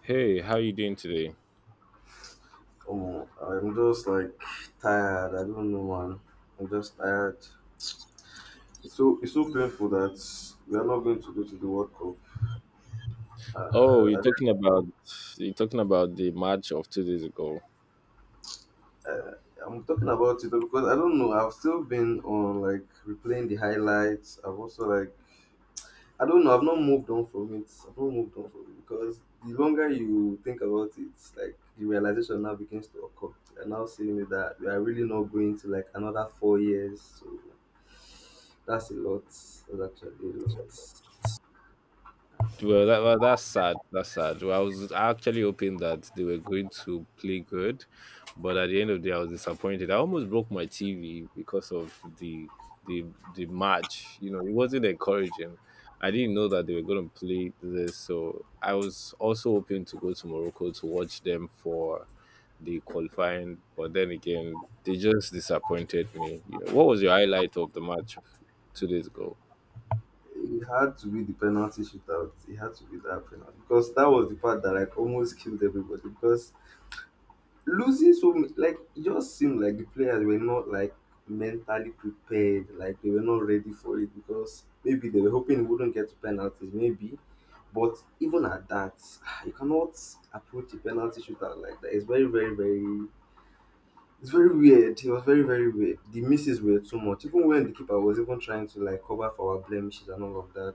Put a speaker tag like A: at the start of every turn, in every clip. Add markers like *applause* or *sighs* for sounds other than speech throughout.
A: Hey, how you doing today?
B: Oh, I'm just like tired. I don't know, man. I'm just tired. It's so painful that we are not going to go to the World Cup. Uh,
A: Oh, you're
B: I,
A: talking about you're talking about the match of 2 days ago.
B: I'm talking about it because I don't know. I've still been on like replaying the highlights. I've also like I don't know. I've not moved on from it because the longer you think about it, like the realization now begins to occur. You're now seeing it that we are really not going to like another 4 years. So that's a lot. That's actually a lot.
A: Well, that's sad. That's sad. Well, I was actually hoping that they were going to play good, but at the end of the day, I was disappointed. I almost broke my TV because of the the match. You know, it wasn't encouraging. I didn't know that they were going to play this, so I was also hoping to go to Morocco to watch them for the qualifying. But then again, they just disappointed me. You know, what was your highlight of the match 2 days ago?
B: It had to be the penalty shootout. It had to be that penalty because that was the part that like almost killed everybody because losing so much, like it just seemed like the players were not like mentally prepared, like they were not ready for it because maybe they were hoping it wouldn't get to penalties maybe, but even at that *sighs* you cannot approach a penalty shootout like that. It's very it's very weird. It was very weird. The misses were too much, even when the keeper was even trying to like cover for our blemishes and all of that.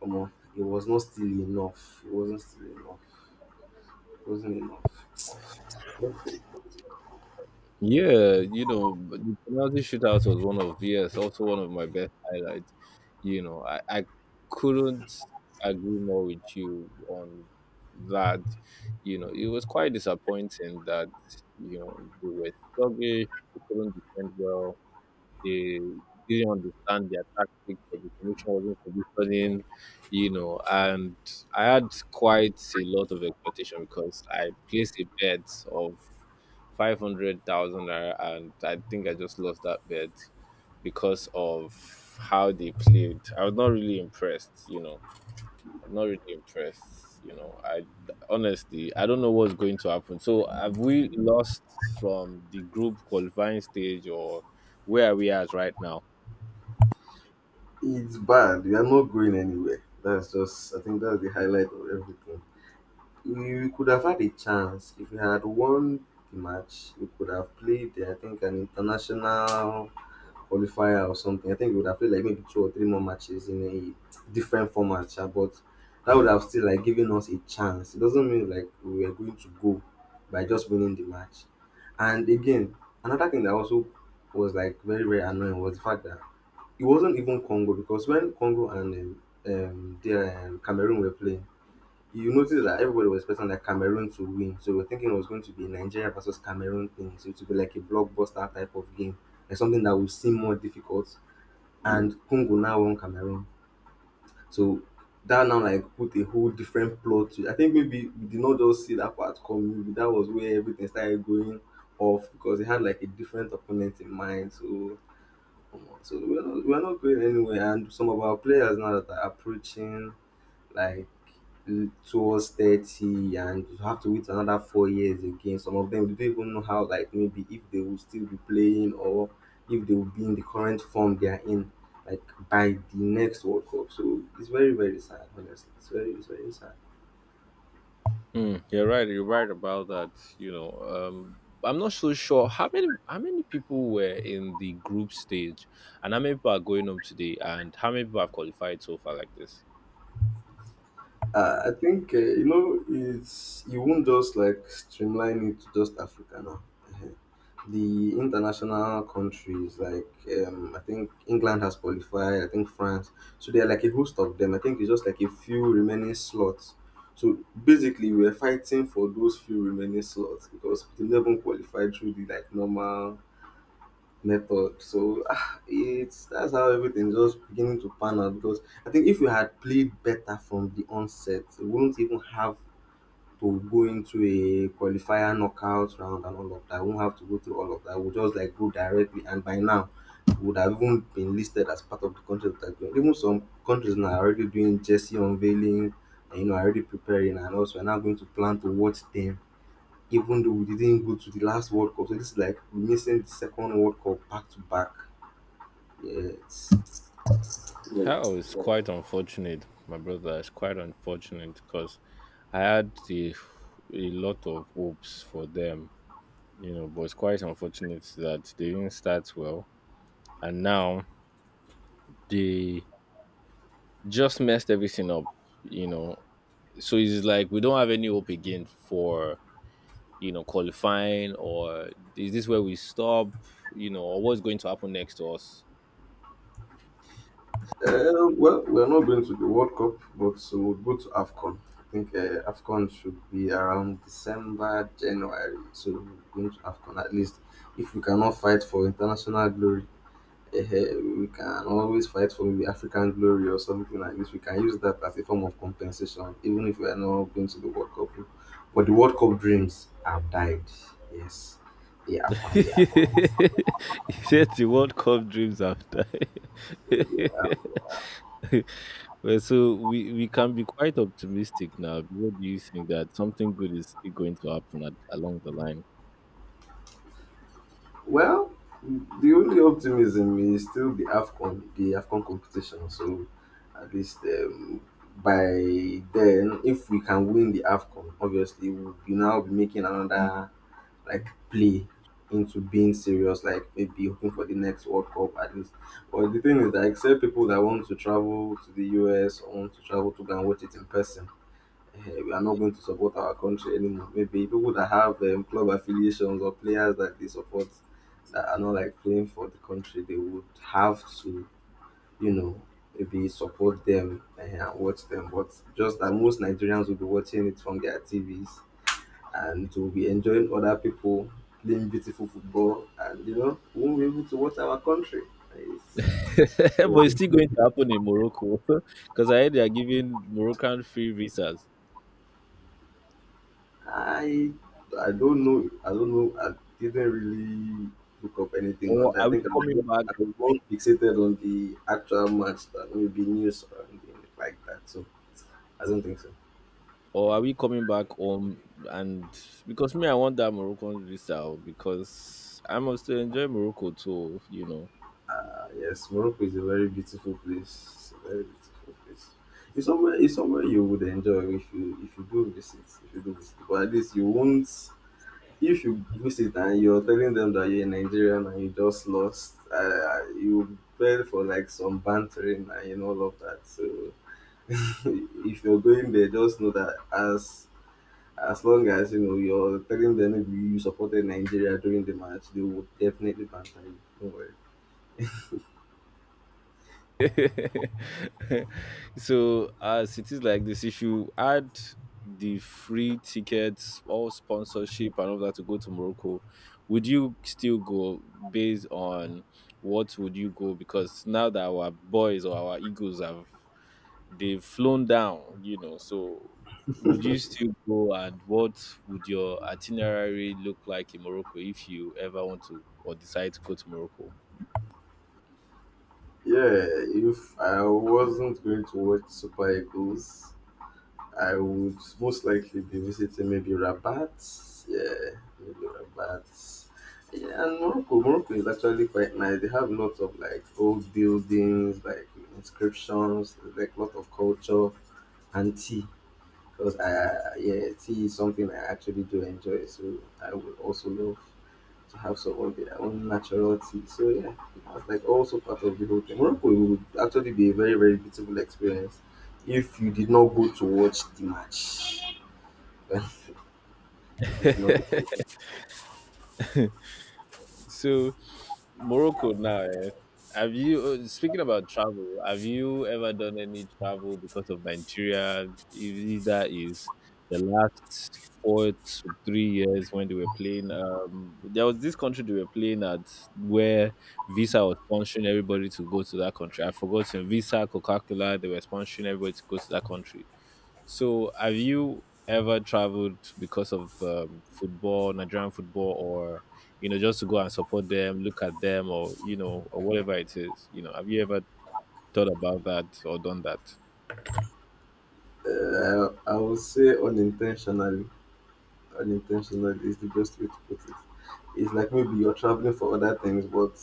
B: Come on, it was not still enough. It wasn't enough.
A: Yeah, you know, but the penalty shootout was one of yes, also one of my best highlights. You know, I couldn't agree more with you on that. You know, it was quite disappointing that you know they were sluggish, they couldn't defend well, they didn't understand their tactics or the formation wasn't positioning. You know, and I had quite a lot of expectation because I placed a bet of 500,000 naira, and I think I just lost that bet because of how they played. I was not really impressed, you know. I'm not really impressed, you know. I Honestly, I don't know what's going to happen. So, have we lost from the group qualifying stage, or where are we at right now?
B: It's bad. We are not going anywhere. That's just, I think that's the highlight of everything. We could have had a chance if we had won the match. We could have played, I think, an international qualifier or something. I think we would have played like maybe two or three more matches in a different format, sha, but that would have still like given us a chance. It doesn't mean like we are going to go by just winning the match. And again, another thing that also was like very very annoying was the fact that it wasn't even Congo, because when Congo and Cameroon were playing, you notice that everybody was expecting like Cameroon to win. So we were thinking it was going to be Nigeria versus Cameroon thing. So it would be like a blockbuster type of game, like something that would seem more difficult. And Congo now won Cameroon. So that now like put a whole different plot to it. I think maybe we did not just see that part coming. Maybe that was where everything started going off because they had like a different opponent in mind. So we're not going anywhere, and some of our players now that are approaching like towards 30, and you have to wait another 4 years again. Some of them, they don't even know how, like maybe if they will still be playing or if they will be in the current form they are in, like by the next World Cup. So it's very, very sad, honestly. It's very sad.
A: Mm, you're right. You're right about that. You know, I'm not so sure how many people were in the group stage, and how many people are going up today, and how many people have qualified so far like this.
B: I think you know, it's you won't just like streamline it to just Africa now. Uh-huh. The international countries, like I think England has qualified, I think France, so there are like a host of them. I think it's just like a few remaining slots. So basically we're fighting for those few remaining slots because they never qualified through the like normal method. So ah, it's that's how everything just beginning to pan out, because I think if we had played better from the onset, we wouldn't even have to go into a qualifier knockout round and all of that. I won't have to go through all of that. We'll just like go directly, and by now, we would have even been listed as part of the countries that are going. Even some countries now are already doing jersey unveiling, and you know, already preparing, and also are now going to plan to watch them. Even though we didn't go to the last World Cup, so this is like missing the second World Cup back to back. Yes.
A: Hell, it's quite unfortunate, my brother. It's quite unfortunate because I had a lot of hopes for them. You know, but it's quite unfortunate that they didn't start well, and now they just messed everything up. You know, so it's like we don't have any hope again for qualifying, or is this where we stop? You know, or what's going to happen next to us?
B: Well, we're not going to the World Cup, but we'll go to AFCON. I think AFCON should be around December, January. So we're going to AFCON at least. If we cannot fight for international glory, eh, eh, we can always fight for maybe African glory or something like this. We can use that as a form of compensation, even if we are not going to the World Cup. But the World Cup dreams have died. Yes, they are
A: *laughs*
B: quite.
A: He said the World Cup dreams after. *laughs* Well, so we can be quite optimistic now. What do you think that something good is still going to happen at, along the line?
B: Well, the only optimism is still the AFCON competition. So at least by then, if we can win the AFCON, obviously we'll be now be making another like play into being serious, like maybe hoping for the next World Cup at least. But the thing is that except people that want to travel to the US or want to travel to go and watch it in person, eh, we are not going to support our country anymore. Maybe people that have club affiliations or players that they support that are not like playing for the country, they would have to, you know, maybe support them, eh, and watch them. But just that most Nigerians will be watching it from their TVs and will be enjoying other people playing beautiful football, and you know, we won't be able to watch our country. Eh,
A: *laughs* But it's
B: It's,
A: still going to happen in Morocco *laughs* because I heard they are giving Moroccan free visas.
B: I I don't know. I don't know. I didn't really look up anything on
A: Or
B: that.
A: are we coming back?
B: I was more fixated on the actual match than maybe news or anything like that. So I don't think so.
A: Or are we coming back home? And because me, I want that Moroccan visa oh, because I must enjoy Morocco too, you know.
B: Yes, Morocco is a very beautiful place. It's a very beautiful place. It's somewhere you would enjoy if you do visit. If you do visit, but at least you won't. If you post it and you're telling them that you're a Nigerian and you just lost, you fell for like some bantering and you know all of that. So *laughs* if you're going there, just know that as long as you know, you're telling them maybe you supported Nigeria during the match, they would definitely banter you. Don't worry.
A: *laughs* So as it is like this, if you add the free tickets, all sponsorship and all that to go to Morocco, would you still go based on what would you go? Because now that our boys or our egos have they've flown down, you know. So would you still go and what would your itinerary look like in Morocco if you ever want to or decide to go to Morocco?
B: Yeah, if I wasn't going to watch Super Eagles, I would most likely be visiting maybe Rabat. Yeah, maybe Rabat. Yeah, and Morocco. Morocco is actually quite nice. They have lots of like old buildings, like inscriptions, like lot of culture and tea. Yeah, tea is something I actually do enjoy. So I would also love to have some of their own natural tea. So yeah, that's like also part of the whole thing. Morocco would actually be a very very beautiful experience if you did not go to watch the match. *laughs* if it's not,
A: So Morocco now. Eh? Have you Speaking about travel? Have you ever done any travel because of Nigeria? If that is the last 4 to 3 years when they were playing. There was this country they were playing at where Visa was sponsoring everybody to go to that country. I forgot Visa, Coca Cola. They were sponsoring everybody to go to that country. So, have you ever traveled because of football, Nigerian football, or just to go and support them, look at them, or or whatever it is? You know, have you ever thought about that or done that?
B: I will say unintentionally. Unintentional is the best way to put it. It's like maybe you're traveling for other things, but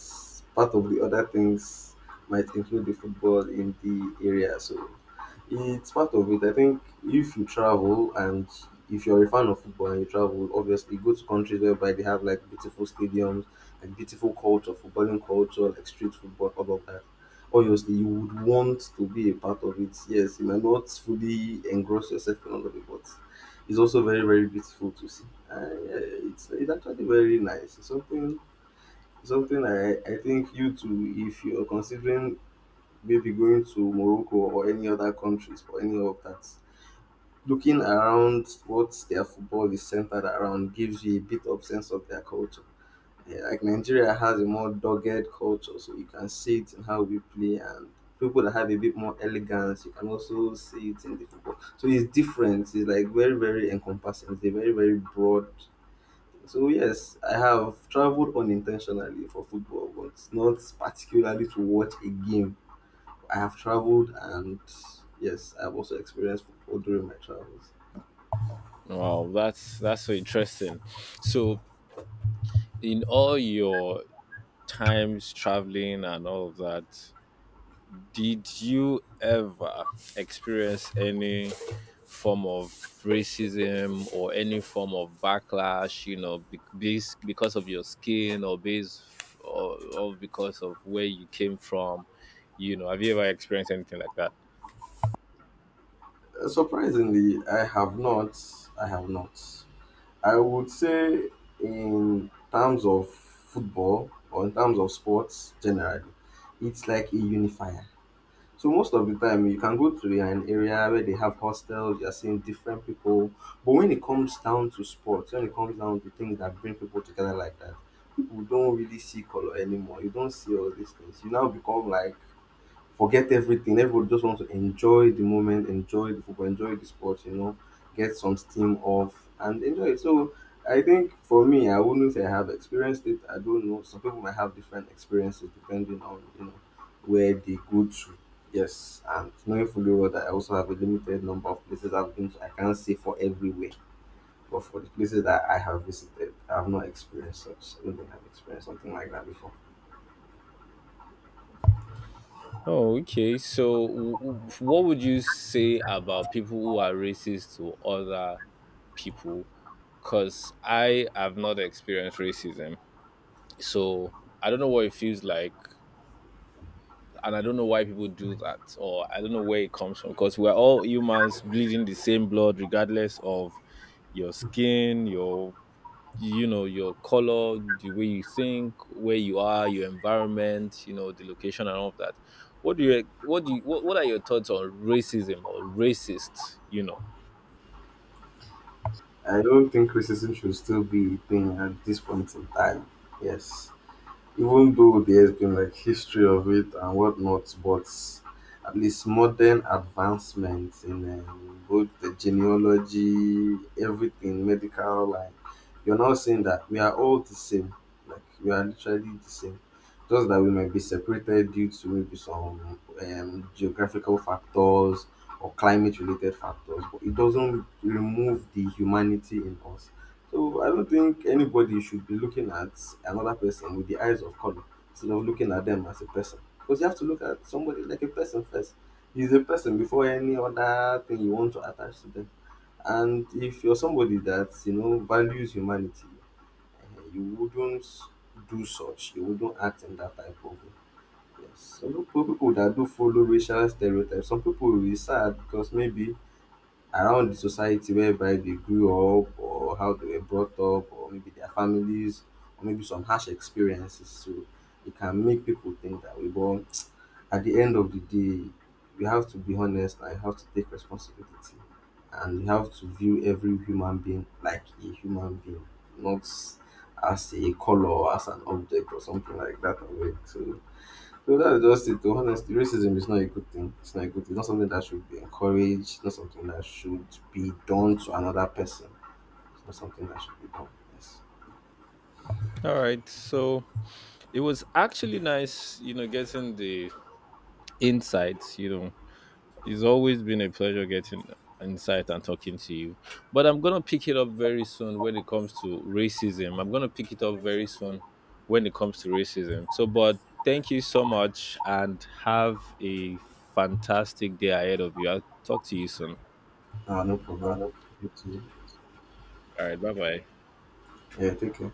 B: part of the other things might include the football in the area. So it's part of it. I think if you travel and if you're a fan of football and you travel, obviously go to countries whereby they have like beautiful stadiums, like beautiful culture, footballing culture, like street football, all of that. Obviously, you would want to be a part of it. Yes, you might not fully engross yourself in all of it, but it's also very very beautiful to see. Uh, it's actually very nice. It's something something I think you too, if you're considering maybe going to Morocco or any other countries for any of that, looking around what their football is centered around gives you a bit of sense of their culture. Yeah, like Nigeria has a more dogged culture, so you can see it in how we play, and people that have a bit more elegance, you can also see it in the football. So it's different. It's like very, very encompassing. It's a very, very broad. So yes, I have traveled unintentionally for football, but not particularly to watch a game. I have traveled and yes, I've also experienced football during my travels.
A: Wow, that's so interesting. So, in all your times traveling and all of that, did you ever experience any form of racism or any form of backlash, you know, because of your skin or because of where you came from? You know, have you ever experienced anything like that?
B: Surprisingly, I have not. I have not. I would say in terms of football or in terms of sports generally, it's like a unifier. So most of the time you can go to an area where they have hostels, you're seeing different people. But when it comes down to sports, when it comes down to things that bring people together like that, people don't really see color anymore. You don't see all these things. You now become like forget everything. Everybody just wants to enjoy the moment, enjoy the football, enjoy the sport, you know, get some steam off and enjoy it. So I think for me, I wouldn't say I have experienced it. I don't know. Some people might have different experiences depending on, you know, where they go to. Yes. And knowing fully well that I also have a limited number of places I've been to, I can't say for everywhere. But for the places that I have visited, I have not experienced such. I don't think I've experienced something like that before.
A: Oh, okay. So, what would you say about people who are racist to other people? Because I have not experienced racism. So, I don't know what it feels like and I don't know why people do that, or I don't know where it comes from, because we're all humans bleeding the same blood, regardless of your skin, your color, the way you think, where you are, your environment, the location and all of that. What are your thoughts on racism or racist? You know.
B: I don't think racism should still be a thing at this point in time. Yes, even though there's been like history of it and whatnot, but at least modern advancements in both the genealogy, everything, medical, like you're not saying that we are all the same. Like we are literally the same. Just that we might be separated due to maybe some geographical factors or climate related factors, but it doesn't remove the humanity in us. So I don't think anybody should be looking at another person with the eyes of color instead of looking at them as a person. Because you have to look at somebody like a person first. He's a person before any other thing you want to attach to them. And if you're somebody that, you know, values humanity, eh, you wouldn't do such. You wouldn't act in that type of way. Yes. Some people, people that do follow racial stereotypes. Some people will be sad because maybe around the society whereby they grew up, or how they were brought up, or maybe their families, or maybe some harsh experiences. So it can make people think that way. But *tsk* at the end of the day, we have to be honest, and you have to take responsibility, and we have to view every human being like a human being, not as a color or as an object or something like that. Or wait, so that's just it, though. Honestly, racism is not a good thing. It's not a good thing. It's not something that should be encouraged. It's not something that should be done to another person. It's not something that should be done. Yes.
A: All right, so it was actually nice, getting the insights, it's always been a pleasure getting insight and talking to you. But I'm gonna pick it up very soon when it comes to racism. I'm gonna pick it up very soon when it comes to racism. So, but thank you so much and have a fantastic day ahead of you. I'll talk to you soon.
B: Ah, no problem. You too.
A: All right, bye bye.
B: Yeah, take care.